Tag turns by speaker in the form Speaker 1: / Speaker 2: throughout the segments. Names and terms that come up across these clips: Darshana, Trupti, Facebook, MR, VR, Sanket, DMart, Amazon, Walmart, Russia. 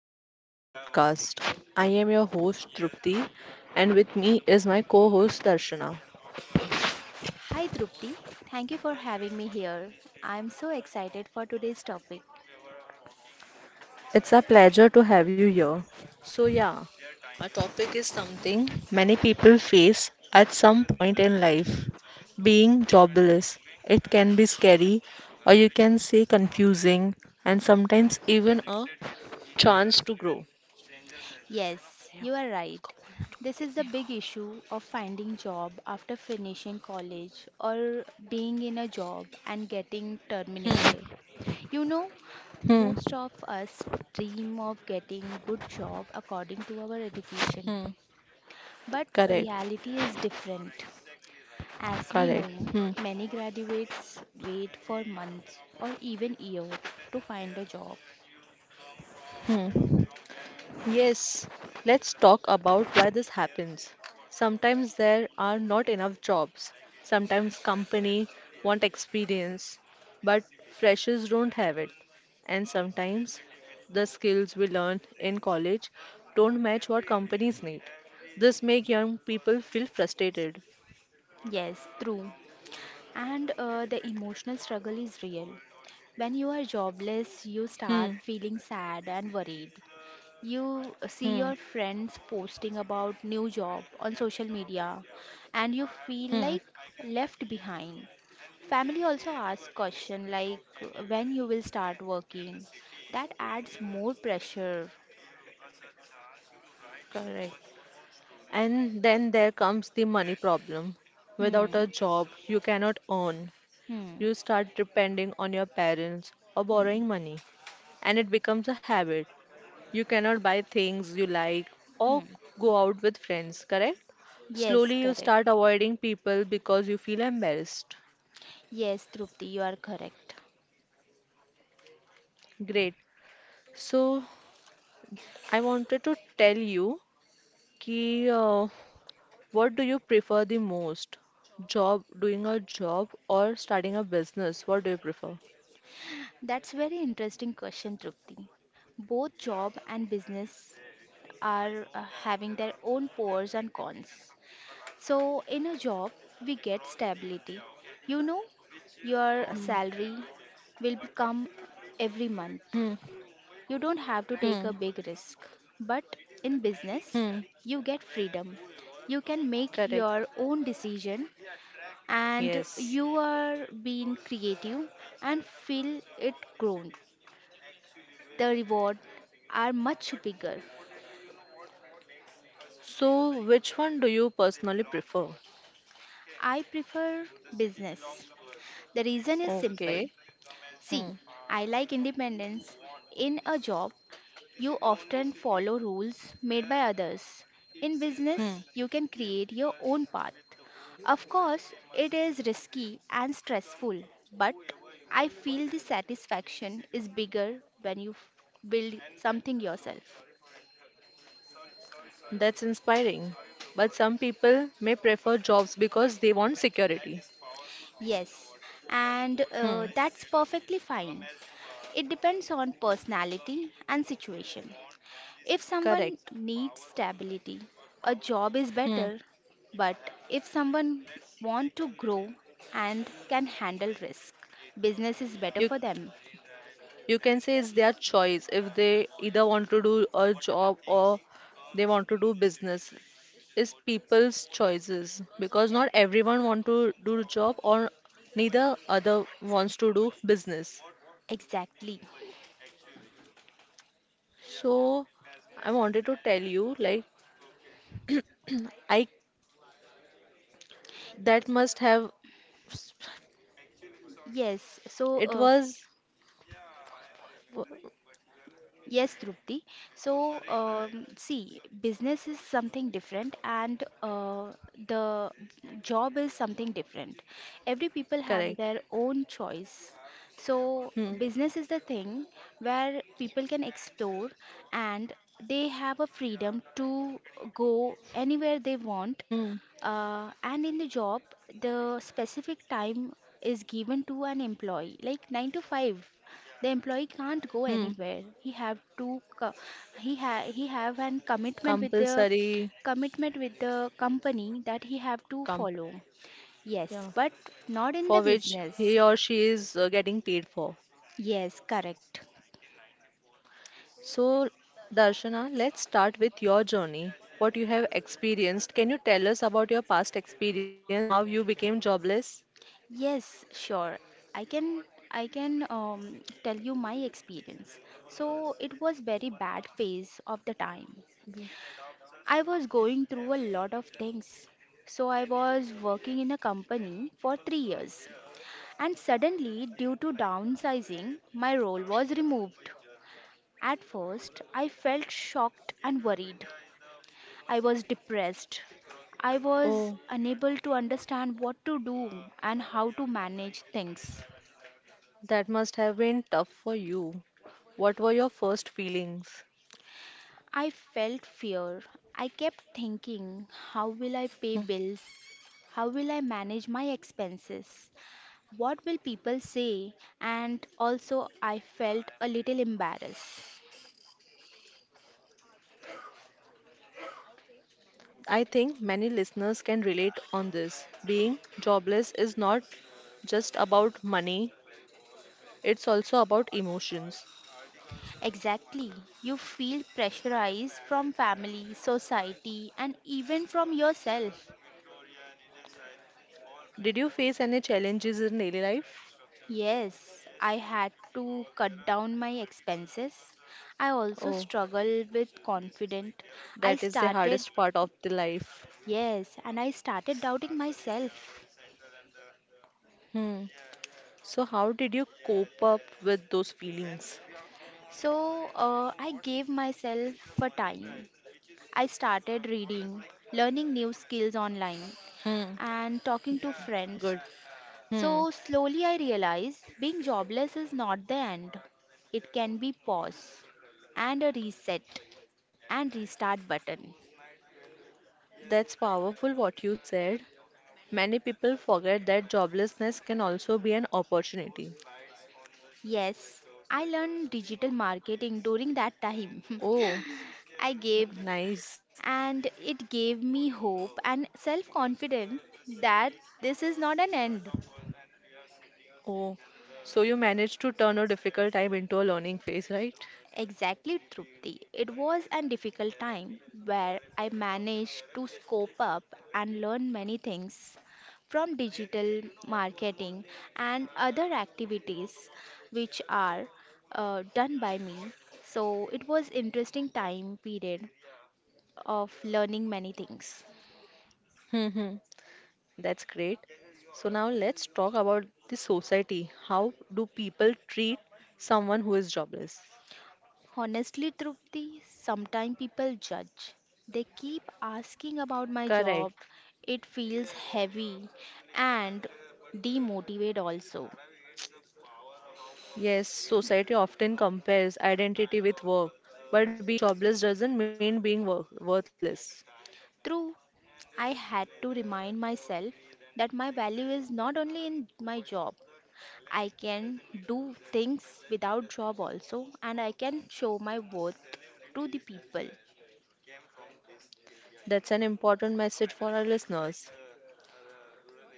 Speaker 1: welcome to our podcast. I am your host Trupti and with me is my co-host Darshana.
Speaker 2: Hi Drupti, thank you for having me here. I am so excited for today's topic.
Speaker 1: It's a pleasure to have you here. So yeah, our topic is something many people face at some point in life, being jobless. It can be scary or you can say confusing and sometimes even a chance to grow.
Speaker 2: Yes, you are right. This is the big issue of finding job after finishing college or being in a job and getting terminated. You know,
Speaker 1: Hmm,
Speaker 2: most of us dream of getting good job according to our education.
Speaker 1: hmm, hmm.
Speaker 2: But
Speaker 1: correct,
Speaker 2: reality is different. As we
Speaker 1: correct.
Speaker 2: know, many graduates wait for months or even years to find a job.
Speaker 1: Hmm. Yes, let's talk about why this happens. Sometimes there are not enough jobs. Sometimes company want experience, but freshers don't have it. And sometimes the skills we learn in college don't match what companies need. This make young people feel frustrated.
Speaker 2: Yes, true. And the emotional struggle is real. When you are jobless, you start
Speaker 1: Hmm,
Speaker 2: feeling sad and worried. You
Speaker 1: hmm,
Speaker 2: see your friends posting about new job on social media and you
Speaker 1: hmm.
Speaker 2: feel like left behind. Family also asks question like when you will start working. That adds more pressure.
Speaker 1: Correct. And then there comes the money problem. Without
Speaker 2: Hmm.
Speaker 1: a job, you cannot earn.
Speaker 2: Hmm.
Speaker 1: You start depending on your parents or
Speaker 2: Hmm.
Speaker 1: borrowing money, and it becomes a habit. You cannot buy things you like or
Speaker 2: Hmm.
Speaker 1: go out with friends, correct?
Speaker 2: Yes,
Speaker 1: Slowly, you start
Speaker 2: correct.
Speaker 1: avoiding people because you feel embarrassed.
Speaker 2: Yes, Trupti, you are correct.
Speaker 1: Great. So, I wanted to tell you ki, uh, what do you prefer the most? Job, doing a job or starting a business? What do you prefer?
Speaker 2: That's very interesting question, Trupti. Both job and business are having their own pros and cons. So, in a job, we get stability. You know, your salary will come every
Speaker 1: Hmm,
Speaker 2: month. You don't have to
Speaker 1: hmm,
Speaker 2: take a big risk. But in
Speaker 1: hmm.
Speaker 2: business, you get freedom. You can make
Speaker 1: Correct.
Speaker 2: your own decision and
Speaker 1: Yes.
Speaker 2: you are being creative and feel it grown. The reward are much bigger.
Speaker 1: So, which one do you personally prefer?
Speaker 2: I prefer business. The reason is simple.
Speaker 1: Okay.
Speaker 2: See,
Speaker 1: Hmm.
Speaker 2: I like independence. In a job, you often follow rules made by others. In
Speaker 1: Hmm.
Speaker 2: business, you can create your own path. Of course, it is risky and stressful, but I feel the satisfaction is bigger when build something yourself.
Speaker 1: That's inspiring. But some people may prefer jobs because they want security.
Speaker 2: Yes, and
Speaker 1: Hmm.
Speaker 2: that's perfectly fine. It depends on personality and situation. If someone
Speaker 1: Correct.
Speaker 2: needs stability, a job is
Speaker 1: Hmm.
Speaker 2: better. But if someone want to grow and can handle risk, business is better
Speaker 1: You
Speaker 2: for them.
Speaker 1: you can say it's their choice if they either want to do a job or they want to do business. It's people's choices because not everyone want to do job or neither other wants to do business.
Speaker 2: Exactly.
Speaker 1: So I wanted to tell you like I that must have
Speaker 2: Yes.
Speaker 1: it was
Speaker 2: Yes, Trupti. So, see, business is something different, and the job is something different. Every people
Speaker 1: correct.
Speaker 2: have their own choice. So,
Speaker 1: Hmm.
Speaker 2: business is the thing where people can explore, and they have a freedom to go
Speaker 1: Hmm.
Speaker 2: anywhere they want. And in the job, the specific time is given to an employee, like nine to five. The employee
Speaker 1: Hmm.
Speaker 2: can't go anywhere, he have to co- he have an commitment with the
Speaker 1: Compulsory
Speaker 2: company that he have to
Speaker 1: comp
Speaker 2: follow,
Speaker 1: yeah.
Speaker 2: yes, but not in the
Speaker 1: For which he
Speaker 2: business.
Speaker 1: or she is getting paid for.
Speaker 2: Yes, correct.
Speaker 1: So, Darshana, let's start with your journey. What you have experienced. Can you tell us about your past experience, how you became jobless?
Speaker 2: Yes, sure. I can I can tell you my experience. So it was very bad phase of the time. I was going through a lot of things. So I was working in a company for 3 years. And suddenly, due to downsizing, my role was removed. At first, I felt shocked and worried. I was depressed. I was
Speaker 1: Oh,
Speaker 2: unable to understand what to do and how to manage things.
Speaker 1: that must have been tough for you. What were your first feelings?
Speaker 2: I felt fear. I kept thinking, how will I pay
Speaker 1: Hmm.
Speaker 2: bills? How will I manage my expenses? What will people say? And also, I felt a little embarrassed.
Speaker 1: I think many listeners can relate on this. Being jobless is not just about money, it's also about emotions.
Speaker 2: Exactly. You feel pressurized from family, society, and even from yourself.
Speaker 1: Did you face any challenges in daily life?
Speaker 2: Yes, I had to cut down my expenses. I also
Speaker 1: Oh,
Speaker 2: struggled with confidence.
Speaker 1: that
Speaker 2: I
Speaker 1: is the
Speaker 2: started,
Speaker 1: hardest part of the life.
Speaker 2: yes, and I started doubting myself.
Speaker 1: Hmm. So how did you cope up with those feelings?
Speaker 2: I gave myself a time. I started reading, learning new skills online,
Speaker 1: Hmm.
Speaker 2: and talking to friends.
Speaker 1: Good. Hmm.
Speaker 2: So slowly I realized being jobless is not the end. It can be pause and a reset and restart button.
Speaker 1: That's powerful what you said. Many people forget that joblessness can also be an opportunity.
Speaker 2: Yes, I learned digital marketing during that time.
Speaker 1: Oh,
Speaker 2: I
Speaker 1: n-
Speaker 2: gave,
Speaker 1: nice.
Speaker 2: and it gave me hope and self confidence that this is not an end.
Speaker 1: Oh, so you managed to turn a difficult time into a learning phase, right?
Speaker 2: Exactly, Trupti. It was a difficult time where I managed to scope up and learn many things from digital marketing and other activities which are done by me. So it was interesting time period of learning many things.
Speaker 1: Mm-hmm. That's great. So now let's talk about the society. How do people treat someone who is jobless?
Speaker 2: Honestly, Trupti, sometimes people judge. They keep asking about my job.
Speaker 1: Correct.
Speaker 2: It feels heavy and demotivate also.
Speaker 1: Yes, society often compares identity with work, but being jobless doesn't mean being work worthless.
Speaker 2: True, I had to remind myself that my value is not only in my job. I can do things without job also and I can show my worth to the people.
Speaker 1: That's an important message for our listeners.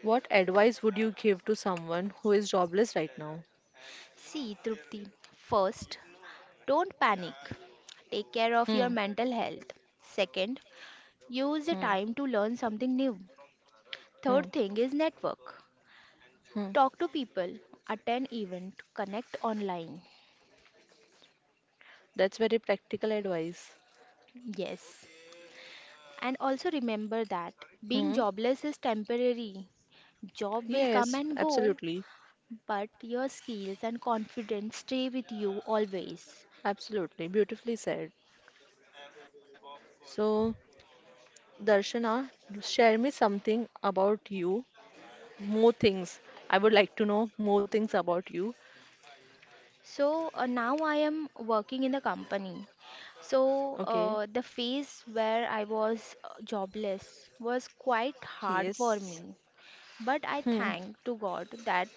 Speaker 1: What advice would you give to someone who is jobless right now?
Speaker 2: See, Trupti, first, don't panic. Take care of your
Speaker 1: Hmm.
Speaker 2: mental health. Second, use the
Speaker 1: Hmm.
Speaker 2: time to learn something new.
Speaker 1: Hmm.
Speaker 2: Third thing is network.
Speaker 1: Hmm.
Speaker 2: Talk to people, attend event, connect online.
Speaker 1: That's very practical advice.
Speaker 2: Yes, and also remember that being
Speaker 1: Hmm.
Speaker 2: jobless is temporary. Job will come
Speaker 1: Yes,
Speaker 2: and go,
Speaker 1: absolutely.
Speaker 2: but your skills and confidence stay with you always.
Speaker 1: Absolutely. Beautifully said. So, Darshana, share me something about you. More things. I would like to know more things about you.
Speaker 2: Now I am working in a company.
Speaker 1: Okay.
Speaker 2: The phase where I was jobless was quite hard for
Speaker 1: Yes.
Speaker 2: me. But I
Speaker 1: Hmm.
Speaker 2: thank to God that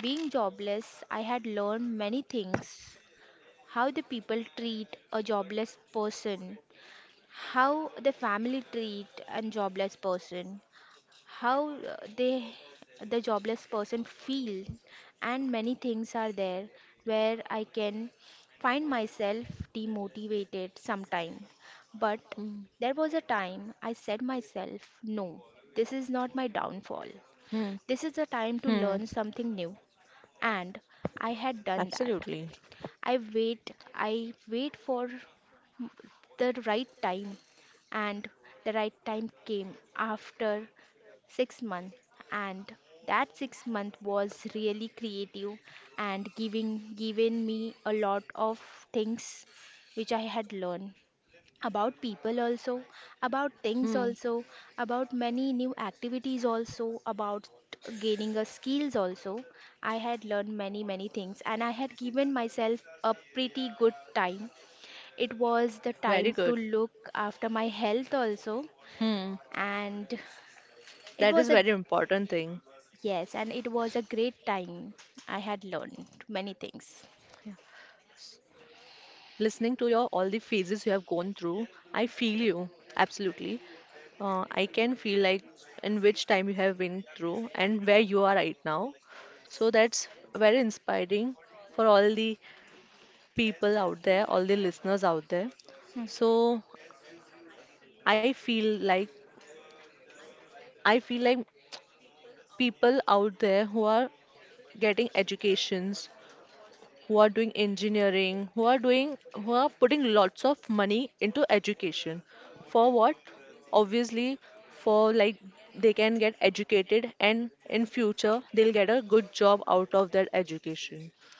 Speaker 2: being jobless, I had learned many things: how the people treat a jobless person, how the family treat and jobless person, how they the jobless person feel, and many things are there where I can find myself demotivated sometime. But
Speaker 1: Hmm.
Speaker 2: there was a time I said myself no, this is not my
Speaker 1: Hmm.
Speaker 2: downfall. This
Speaker 1: Hmm.
Speaker 2: is the time to learn something new, and I had
Speaker 1: Absolutely.
Speaker 2: done that. I wait for the right time, and the right time came after 6 months. And that 6 month was really creative and giving given me a lot of things which I had learned about people also, about things
Speaker 1: Hmm.
Speaker 2: also, about many new activities also, about gaining a skills also. I had learned many many things and I had given myself a pretty good time. It was the
Speaker 1: Very
Speaker 2: time to
Speaker 1: good.
Speaker 2: look after my health also.
Speaker 1: Hmm.
Speaker 2: And it
Speaker 1: That is
Speaker 2: was a,
Speaker 1: very important thing.
Speaker 2: yes, and it was a great time. I had learned many things.
Speaker 1: Listening to your all the phases you have gone through, I feel you. Absolutely. I can feel like in which time you have been through and where you are right now. So that's very inspiring for all the people out there, all the listeners out there.
Speaker 2: Hmm.
Speaker 1: So I feel like I feel like people out there who are getting educations who are doing engineering, who are doing, who are putting lots of money into education. For what? Obviously, for like they can get educated and in future they'll get a good job out of that education.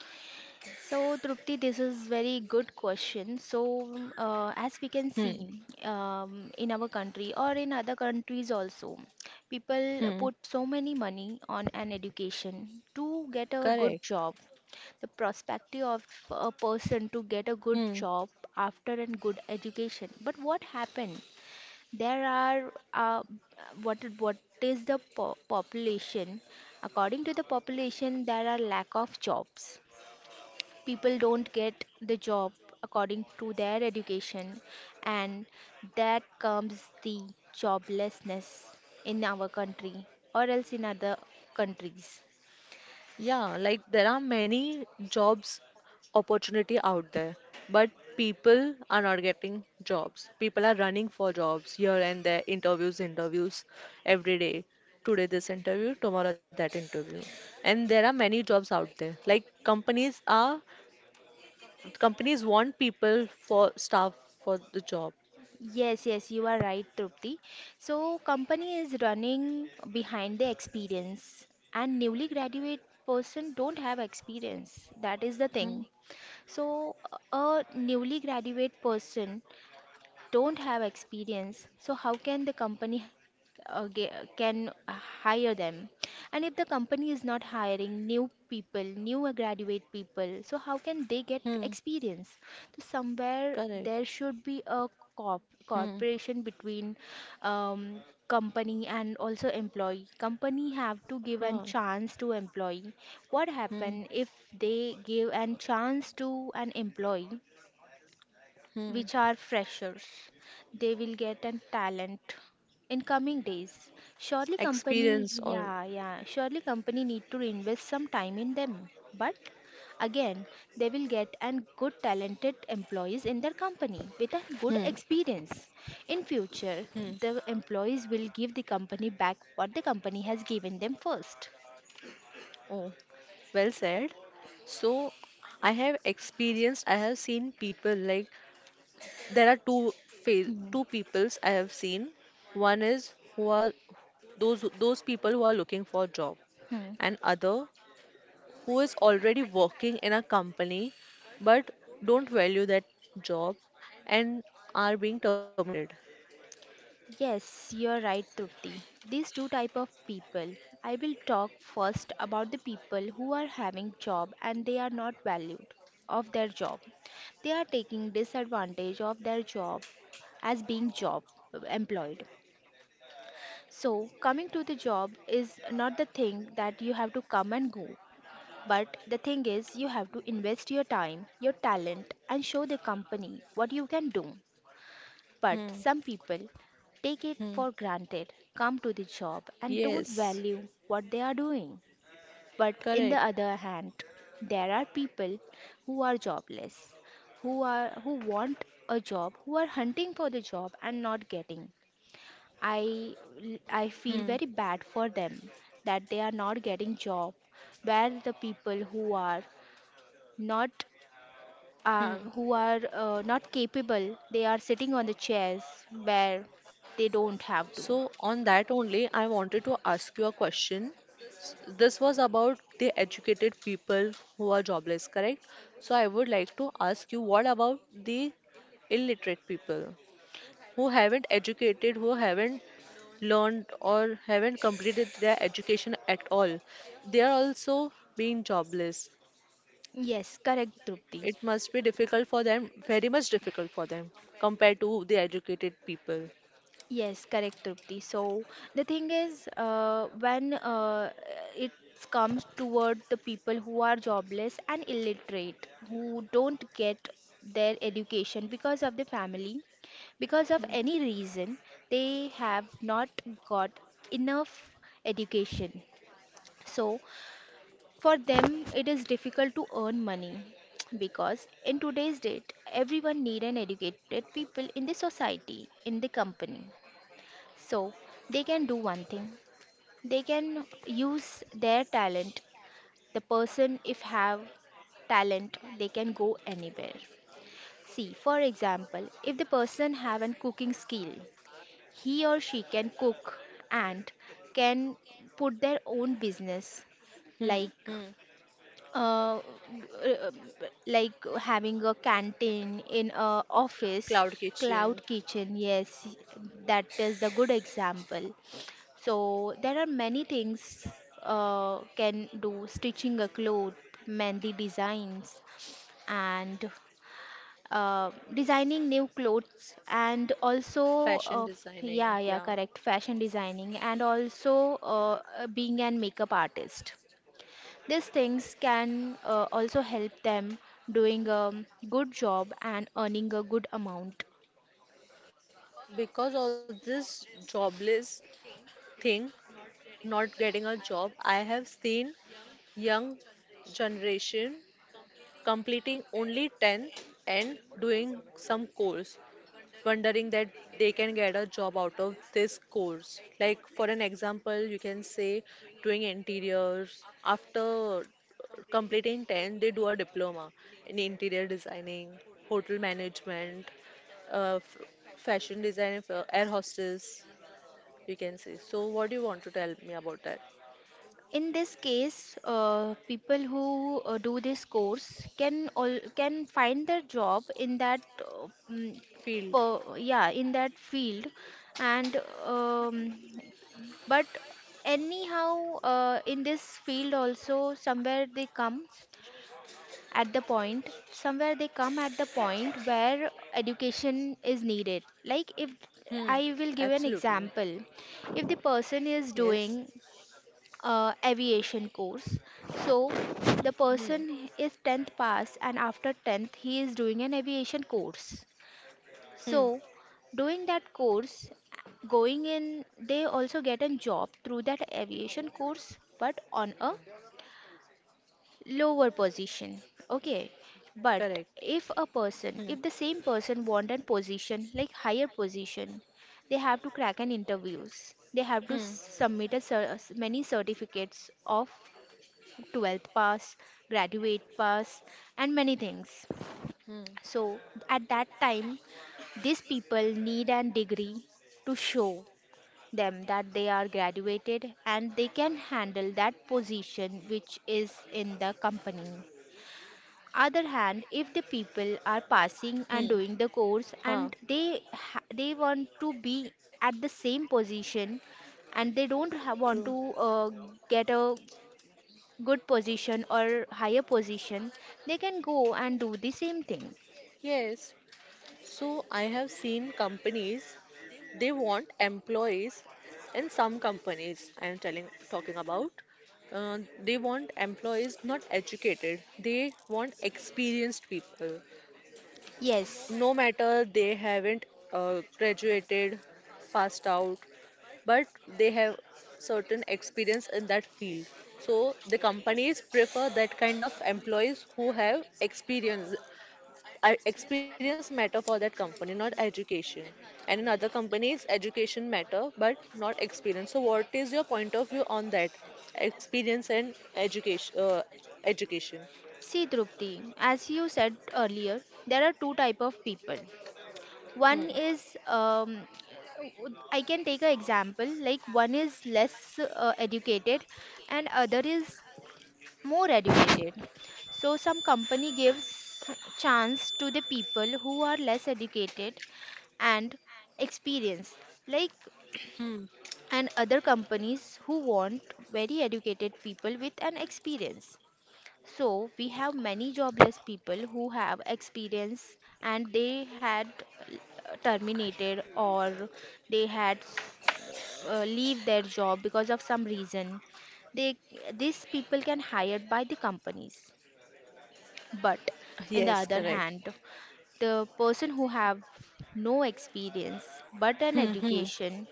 Speaker 2: So, Trupti, this is very good question. So, as we can
Speaker 1: Hmm.
Speaker 2: see in our country or in other countries also, people put
Speaker 1: Hmm.
Speaker 2: so many money on an education to get a good
Speaker 1: Correct.
Speaker 2: job. The prospect of a person to get a good
Speaker 1: Hmm.
Speaker 2: job after a good education. But what happened? There are what is the po population? According to the population, there are lack of jobs. People don't get the job according to their education, and that comes the joblessness in our country or else in other countries.
Speaker 1: Yeah, like there are many jobs opportunity out there, but people are not getting jobs. People are running for jobs here and there, interviews, interviews every day. Today this interview, tomorrow that interview. And there are many jobs out there. Like companies want people for staff for the job.
Speaker 2: Yes, yes, you are right, Trupti. So company is running behind the experience, and newly graduate person don't have experience, that is the thing.
Speaker 1: Hmm,
Speaker 2: So a newly graduate person don't have experience, so how can the company uh, ge- can hire them? And if the company is not hiring new people, new graduate people, so how can they get
Speaker 1: hmm,
Speaker 2: experience? So somewhere
Speaker 1: correct.
Speaker 2: there should be a
Speaker 1: Hmm,
Speaker 2: cooperation between, um, company and also employee. Company have
Speaker 1: huh,
Speaker 2: to give a chance to employee.
Speaker 1: hmm,
Speaker 2: What happen if they give a chance to an employee
Speaker 1: hmm.
Speaker 2: which are freshers? They will get a talent in coming days. Surely
Speaker 1: Experience
Speaker 2: company,
Speaker 1: or
Speaker 2: yeah, yeah, surely company need to invest some time in them. But again, they will get an good talented employees in their company with a
Speaker 1: hmm,
Speaker 2: good experience. In
Speaker 1: hmm.
Speaker 2: future, the employees will give the company back what the company has given them first.
Speaker 1: Oh, well said. So I have experienced, I have seen people like there are two phase,
Speaker 2: Hmm.
Speaker 1: two peoples I have seen. One is who are those people who are looking for a job,
Speaker 2: Hmm.
Speaker 1: and other who is already working in a company but don't value that job and are being terminated.
Speaker 2: Yes, you're right, Trupti. These two type of people. I will talk first about the people who are having job and they are not valued of their job. They are taking disadvantage of their job as being job employed. So coming to the job is not the thing that you have to come and go. But the thing is, you have to invest your time, your talent, and show the company what you can do. But some
Speaker 1: Hmm.
Speaker 2: people take it for
Speaker 1: Hmm.
Speaker 2: granted, come to the job, and don't value
Speaker 1: Yes,
Speaker 2: what they are doing. But in the other
Speaker 1: correct.
Speaker 2: hand, there are people who are jobless, who want a job, who are hunting for the job and not getting. I I feel very
Speaker 1: Hmm.
Speaker 2: bad for them that they are not getting job, where the people not who
Speaker 1: Hmm.
Speaker 2: are not capable, they are sitting on the chairs where they don't have to.
Speaker 1: So, on that only, I wanted to ask you a question. This was about the educated people who are jobless, correct? So, I would like to ask you what about the illiterate people who haven't educated, who haven't learned, or haven't completed their education at all? They are also being jobless.
Speaker 2: Yes, correct, Trupti.
Speaker 1: It must be difficult for them, very much difficult for them compared to the educated people.
Speaker 2: Yes, correct, Trupti. So the thing is, when it comes toward the people who are jobless and illiterate, who don't get their education because of the family, because of any reason, they have not got enough education. So for them, it is difficult to earn money because in today's date, everyone need an educated people in the society, in the company. So they can do one thing. They can use their talent. The person if have talent, they can go anywhere. See, for example, if the person have an cooking skill, he or she can cook and can put their own business
Speaker 1: Hmm,
Speaker 2: like
Speaker 1: hmm.
Speaker 2: uh, uh, like having a canteen in a office.
Speaker 1: Cloud
Speaker 2: Cloud
Speaker 1: kitchen.
Speaker 2: kitchen, yes, that is the good example. So there are many things can do: stitching a cloth, mehndi designs, and designing new clothes and also
Speaker 1: Fashion
Speaker 2: yeah,
Speaker 1: designing,
Speaker 2: yeah,
Speaker 1: yeah.
Speaker 2: correct, fashion designing, and also being an makeup artist. These things can also help them doing a good job and earning a good amount.
Speaker 1: Because of this jobless thing, not getting a job, I have seen young generation completing only 10th and doing some course. Wondering that they can get a job out of this course. Like, for an example, you can say doing interiors. After completing 10th, they do a diploma in interior designing, hotel management, uh, f- fashion design, air hostess, you can say. So, what do you want to tell me about that
Speaker 2: In this case, people who do this course can find their job in that
Speaker 1: field?
Speaker 2: yeah, in that field. And um, but anyhow, in this field also somewhere they come at the point where education is needed. Like, if
Speaker 1: Hmm,
Speaker 2: I will give an
Speaker 1: absolutely.
Speaker 2: example, if the person is
Speaker 1: Yes.
Speaker 2: doing aviation course, so the
Speaker 1: Hmm,
Speaker 2: person is 10th pass and after 10th he is doing an aviation course. So
Speaker 1: hmm,
Speaker 2: doing that course, going in, they also get a job through that aviation course, but on a lower position. Okay, but
Speaker 1: correct.
Speaker 2: if a person, if
Speaker 1: Hmm,
Speaker 2: the same person want a position like higher position, they have to crack an interviews, they have to
Speaker 1: hmm,
Speaker 2: submit a many certificates of 12th pass, graduate pass, and many things.
Speaker 1: hmm,
Speaker 2: So at that time, these people need a degree to show them that they are graduated and they can handle that position which is in the company. Other hand, if the people are passing and
Speaker 1: hmm.
Speaker 2: doing the course
Speaker 1: Huh,
Speaker 2: and they they want to be at the same position, and they don't ha-
Speaker 1: true.
Speaker 2: want to get a good position or higher position, they can go and do the same thing.
Speaker 1: Yes, so I have seen companies they want employees in some companies I am telling talking about they want employees not educated they want experienced people
Speaker 2: Yes.
Speaker 1: no matter they haven't graduated passed out but they have certain experience in that field so the companies prefer that kind of employees who have experience I experience matter for that company, not education. And in other companies, education matter, but not experience. So, what is your point of view on that? Experience and education. Education.
Speaker 2: See, Drupti, as you said earlier, there are two type of people. One
Speaker 1: Hmm.
Speaker 2: is I can take an example, like one is less educated and other is more educated. So some company gives chance to the people who are less educated and experienced, like,
Speaker 1: Hmm.
Speaker 2: and other companies who want very educated people with an experience. So we have many jobless people who have experience and they had terminated or they had leave their job because of some reason. They These people can hired by the companies. But on the other
Speaker 1: Yes, correct.
Speaker 2: hand, the person who have no experience but an
Speaker 1: Hmm. Hmm.
Speaker 2: education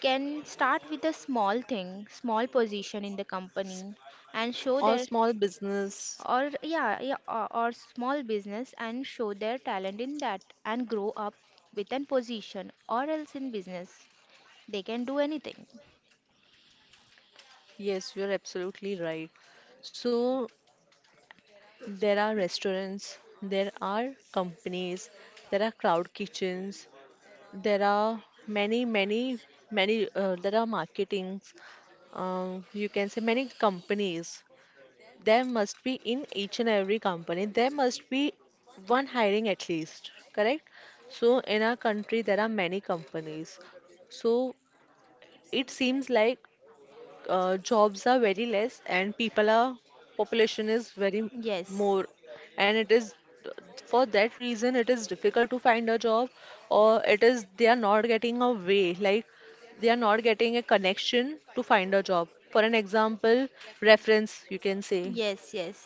Speaker 2: can start with a small thing, small position in the company, and show their,
Speaker 1: Or small business.
Speaker 2: or yeah, yeah, or small business, and show their talent in that and grow up with an position, or else in business they can do anything.
Speaker 1: Yes, you're absolutely right. So there are restaurants, there are companies, there are crowd kitchens, there are there are marketings, you can say many companies. There must be in each and every company, there must be one hiring at least, correct? So in our country, there are many companies. So it seems like jobs are very less and people are population is very
Speaker 2: Yes,
Speaker 1: more and it is for that reason it is difficult to find a job or it is they are not getting a way like they are not getting a connection to find a job for an example reference you can say
Speaker 2: yes. Yes,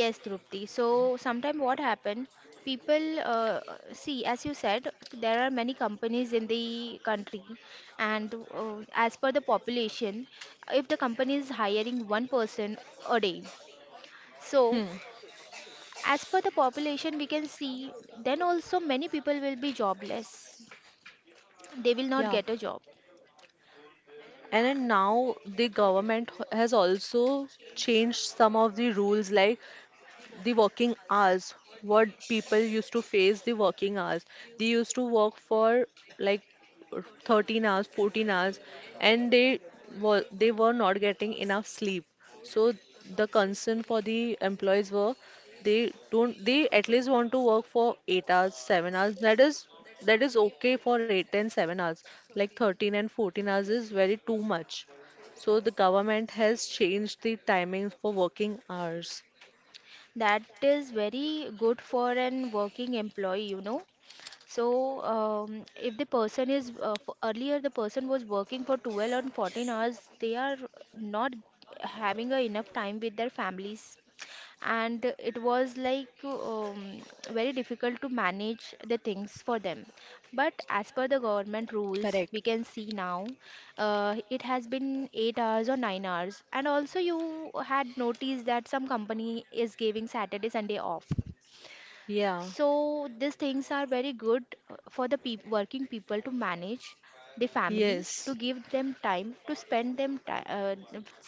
Speaker 2: yes, Drupti, so sometimes what happen, people, see, as you said, there are many companies in the country, and as per the population, if the company is hiring one person a day, so
Speaker 1: hmm
Speaker 2: as per the population, we can see then also many people will be jobless. They will not
Speaker 1: yeah
Speaker 2: get a job.
Speaker 1: and then now the government has also changed some of the rules like the working hours, what people used to face the working hours. They used to work for like 13 hours, 14 hours, and they were not getting enough sleep. So the concern for the employees were they don't they at least want to work for 8 hours, 7 hours. That is okay for 8 and 7 hours. Like 13 and 14 hours is very too much. So the government has changed the timings for working hours.
Speaker 2: That is very good for an working employee, you know. So, if the person is earlier the person was working for 12 or 14 hours, they are not having a enough time with their families, and it was like, very difficult to manage the things for them. But as per the government
Speaker 1: Correct.
Speaker 2: rules, we can see now it has been 8 hours or 9 hours, and also you had noticed that some company is giving Saturday Sunday off.
Speaker 1: Yeah,
Speaker 2: So these things are very good for the peop working people to manage the family,
Speaker 1: yes,
Speaker 2: to give them time to uh,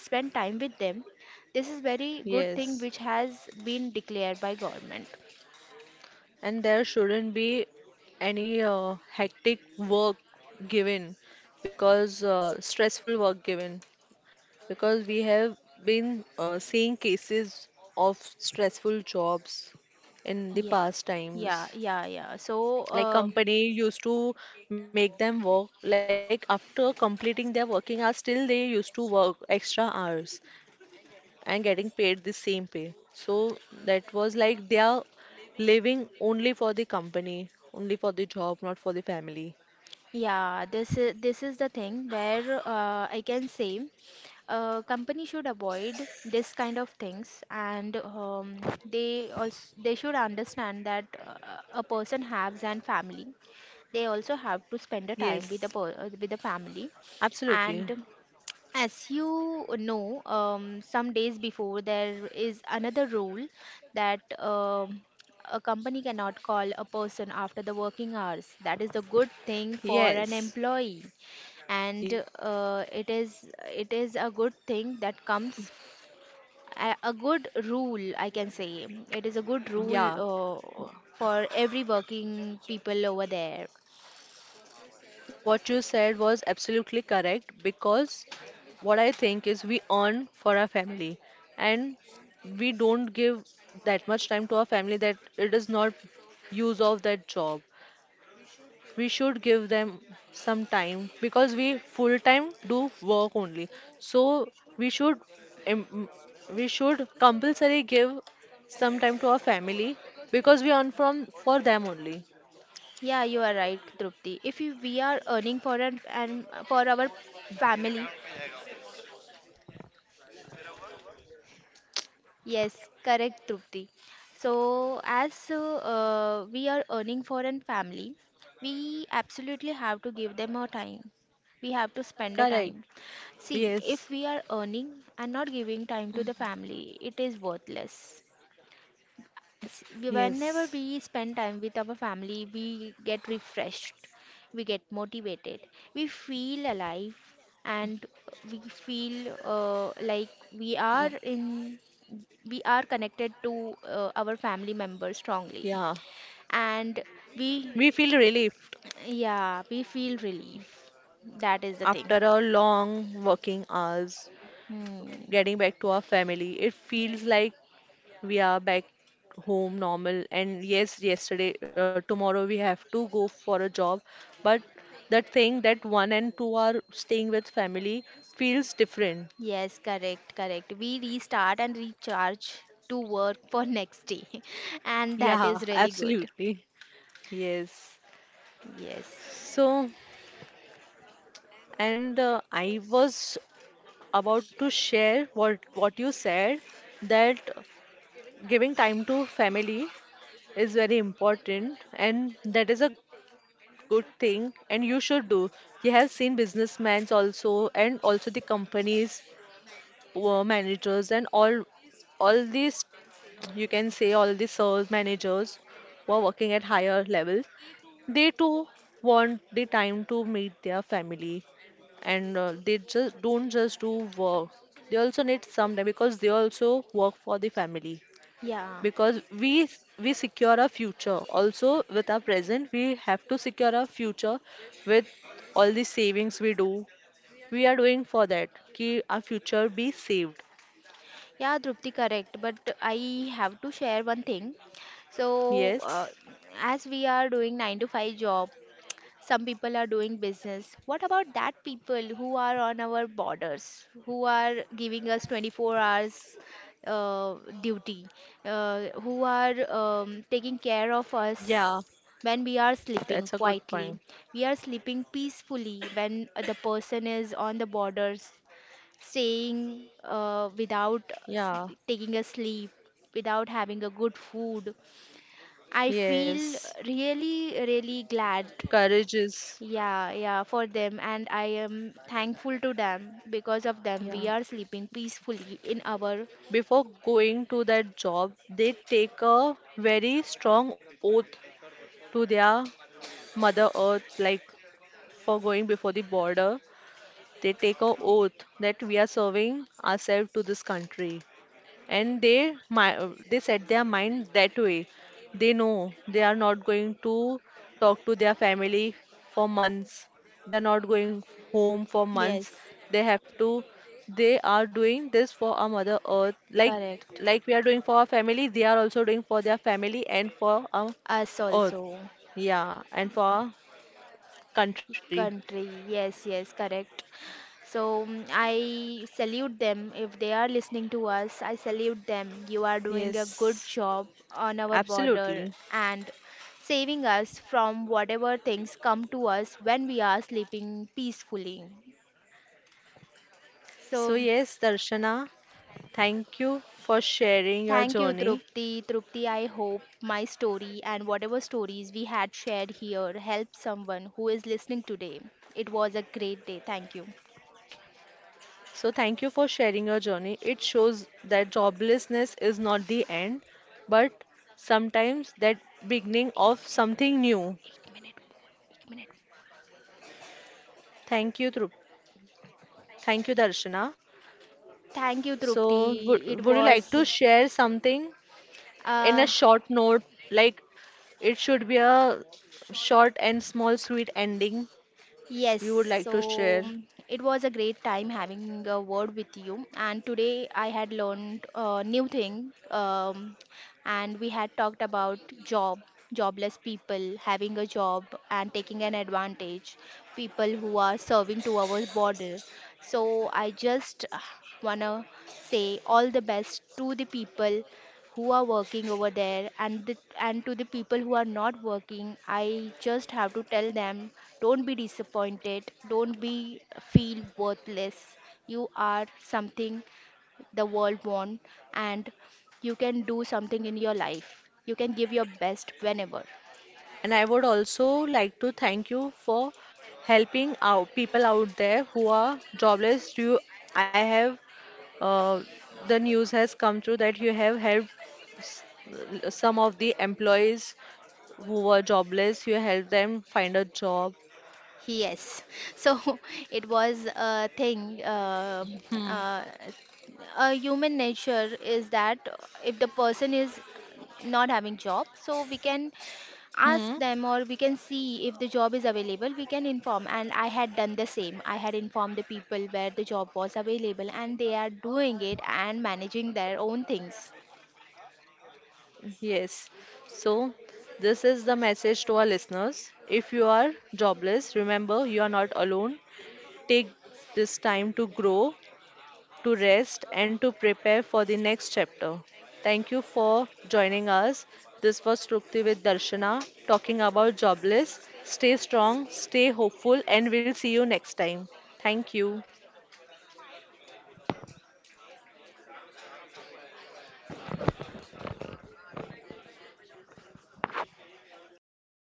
Speaker 2: spend time with them. This is very good thing
Speaker 1: yes.
Speaker 2: which has been declared by government.
Speaker 1: And there shouldn't be any hectic work given because stressful work given because we have been seeing cases of stressful jobs in the
Speaker 2: Yeah,
Speaker 1: past
Speaker 2: yeah,
Speaker 1: times.
Speaker 2: yeah, yeah. So,
Speaker 1: Like
Speaker 2: uh,
Speaker 1: company used to make them work, like after completing their working hours, still they used to work extra hours. And getting paid the same pay. So that was like they are living only for the company, only for the job, not for the family.
Speaker 2: yeah, this is the thing where, I can say, company should avoid this kind of things. And they also, they should understand that a person has an family, they also have to spend a time with
Speaker 1: Yes.
Speaker 2: with the family. And
Speaker 1: Absolutely.
Speaker 2: as you know, some days before there is another rule that a company cannot call a person after the working hours. That is a good thing for an
Speaker 1: Yes.
Speaker 2: employee.
Speaker 1: Yes.
Speaker 2: And it is, it is a good thing that comes, a good rule. I can say it is a good rule,
Speaker 1: Yeah.
Speaker 2: for every working people over there.
Speaker 1: What you said was absolutely correct because what I think is we earn for our family and we don't give that much time to our family that it is not use of that job. We should give them some time because we full time do work only so we should im- we should compulsory give some time to our family because we earn from for them only.
Speaker 2: Yeah, you are right, Trupti. If you, we are earning for an, and for our family. Yes, correct, Trupti. So, as we are earning for an family, we absolutely have to give them our time. We have to spend a
Speaker 1: Correct.
Speaker 2: time. See, if
Speaker 1: yes
Speaker 2: we are earning and not giving time to the family, it is worthless. Whenever
Speaker 1: yes
Speaker 2: we spend time with our family, we get refreshed, we get motivated, we feel alive, and we feel,
Speaker 1: Mm.
Speaker 2: we are connected to our family members strongly.
Speaker 1: Yeah
Speaker 2: And we,
Speaker 1: we feel relieved
Speaker 2: yeah, we feel relief, that is the
Speaker 1: after
Speaker 2: thing.
Speaker 1: a long working hours
Speaker 2: Hmm.
Speaker 1: getting back to our family it feels like we are back home normal, and yes, yesterday, tomorrow we have to go for a job. But that thing that one and two are staying with family feels different.
Speaker 2: Yes, correct, correct. We restart and recharge to work for next day, and that
Speaker 1: Yeah,
Speaker 2: is really good.
Speaker 1: absolutely. Yes.
Speaker 2: Yes.
Speaker 1: So, and I was about to share what you said that giving time to family is very important and that is a good thing and you should do you have seen businessmen also and also the companies managers and all these you can say all these sales managers who are working at higher levels they too want the time to meet their family and they just don't just do work they also need some time because they also work for the family
Speaker 2: Yeah.
Speaker 1: because we secure our future also with our present we have to secure our future with all the savings we do we are doing for that ki our future be saved
Speaker 2: Yeah, Drupti, correct. But I have to share one thing. So,
Speaker 1: yes
Speaker 2: as we are doing 9 to 5 job, some people are doing business. What about that people who are on our borders, who are giving us 24 hours duty, who are taking care of
Speaker 1: yeah
Speaker 2: us when we are
Speaker 1: that's a
Speaker 2: sleeping
Speaker 1: good point
Speaker 2: quietly. We are sleeping peacefully when the person is on the borders staying without,
Speaker 1: yeah
Speaker 2: s- taking a sleep, without having a good food. I feel
Speaker 1: yes
Speaker 2: really, really glad.
Speaker 1: courage is
Speaker 2: Yeah, yeah, for them, and I am thankful to them. Because of them,
Speaker 1: yeah
Speaker 2: we are sleeping peacefully in our,
Speaker 1: before going to that job they take a very strong oath to their mother earth like for going before the border. They take a oath that we are serving ourselves to this country, and they they set their mind that way. They know they are not going to talk to their family for months. They are not going home for months.
Speaker 2: yes,
Speaker 1: They have to. They are doing this for our Mother Earth,
Speaker 2: correct.
Speaker 1: like we are doing for our family. They are also doing for their family and for our
Speaker 2: Us
Speaker 1: Earth.
Speaker 2: also,
Speaker 1: Yeah, and for our country.
Speaker 2: country, yes, yes, correct. So, mm, I salute them. If they are listening to us, I salute them. You are doing a
Speaker 1: Yes,
Speaker 2: good job on our
Speaker 1: absolutely.
Speaker 2: border and saving us from whatever things come to us when we are sleeping peacefully.
Speaker 1: So,
Speaker 2: So
Speaker 1: yes, Darshana, thank you for sharing your
Speaker 2: thank you,
Speaker 1: journey.
Speaker 2: Trupti. Trupti, I hope my story and whatever stories we had shared here help someone who is listening today. It was a great day. Thank you.
Speaker 1: So, thank you for sharing your journey. It shows that joblessness is not the end, but sometimes that beginning of something new. Thank you, Dhruv. Thank you, Darshana.
Speaker 2: Thank you,
Speaker 1: So,
Speaker 2: Trupti. It
Speaker 1: would you like
Speaker 2: was,
Speaker 1: to share something in a
Speaker 2: uh,
Speaker 1: short note? Like, it should be a short and small, sweet ending you would
Speaker 2: yes,
Speaker 1: like to share.
Speaker 2: so, mm, it was a great time having a word with you. And today I had learned a new thing. And we had talked about job, jobless people having a job and taking an advantage, people who are serving to our border. So I just wanna say all the best to the people who are working over there, and the, and to the people who are not working, I just have to tell them, don't be disappointed, don't be, feel worthless. You are something the world want. And you can do something in your life, you can give your best whenever.
Speaker 1: And I would also like to thank you for helping out people out there who are jobless. You, I have uh, the news has come through that you have helped s- some of the employees who were jobless. You helped them find a job.
Speaker 2: Yes. So it was a thing.
Speaker 1: Hmm.
Speaker 2: Uh, a human nature is that if the person is not having job, so we can
Speaker 1: Hmm.
Speaker 2: ask them, or we can see if the job is available, we can inform. And I had done the same, I had informed the people where the job was available, and they are doing it and managing their own things.
Speaker 1: Yes. So, this is the message to our listeners. If you are jobless, remember you are not alone. Take this time to grow to rest, and to prepare for the next chapter. Thank you for joining us. This was Trupti with Darshana talking about jobless. Stay strong, stay hopeful, and we'll see you next time. Thank you.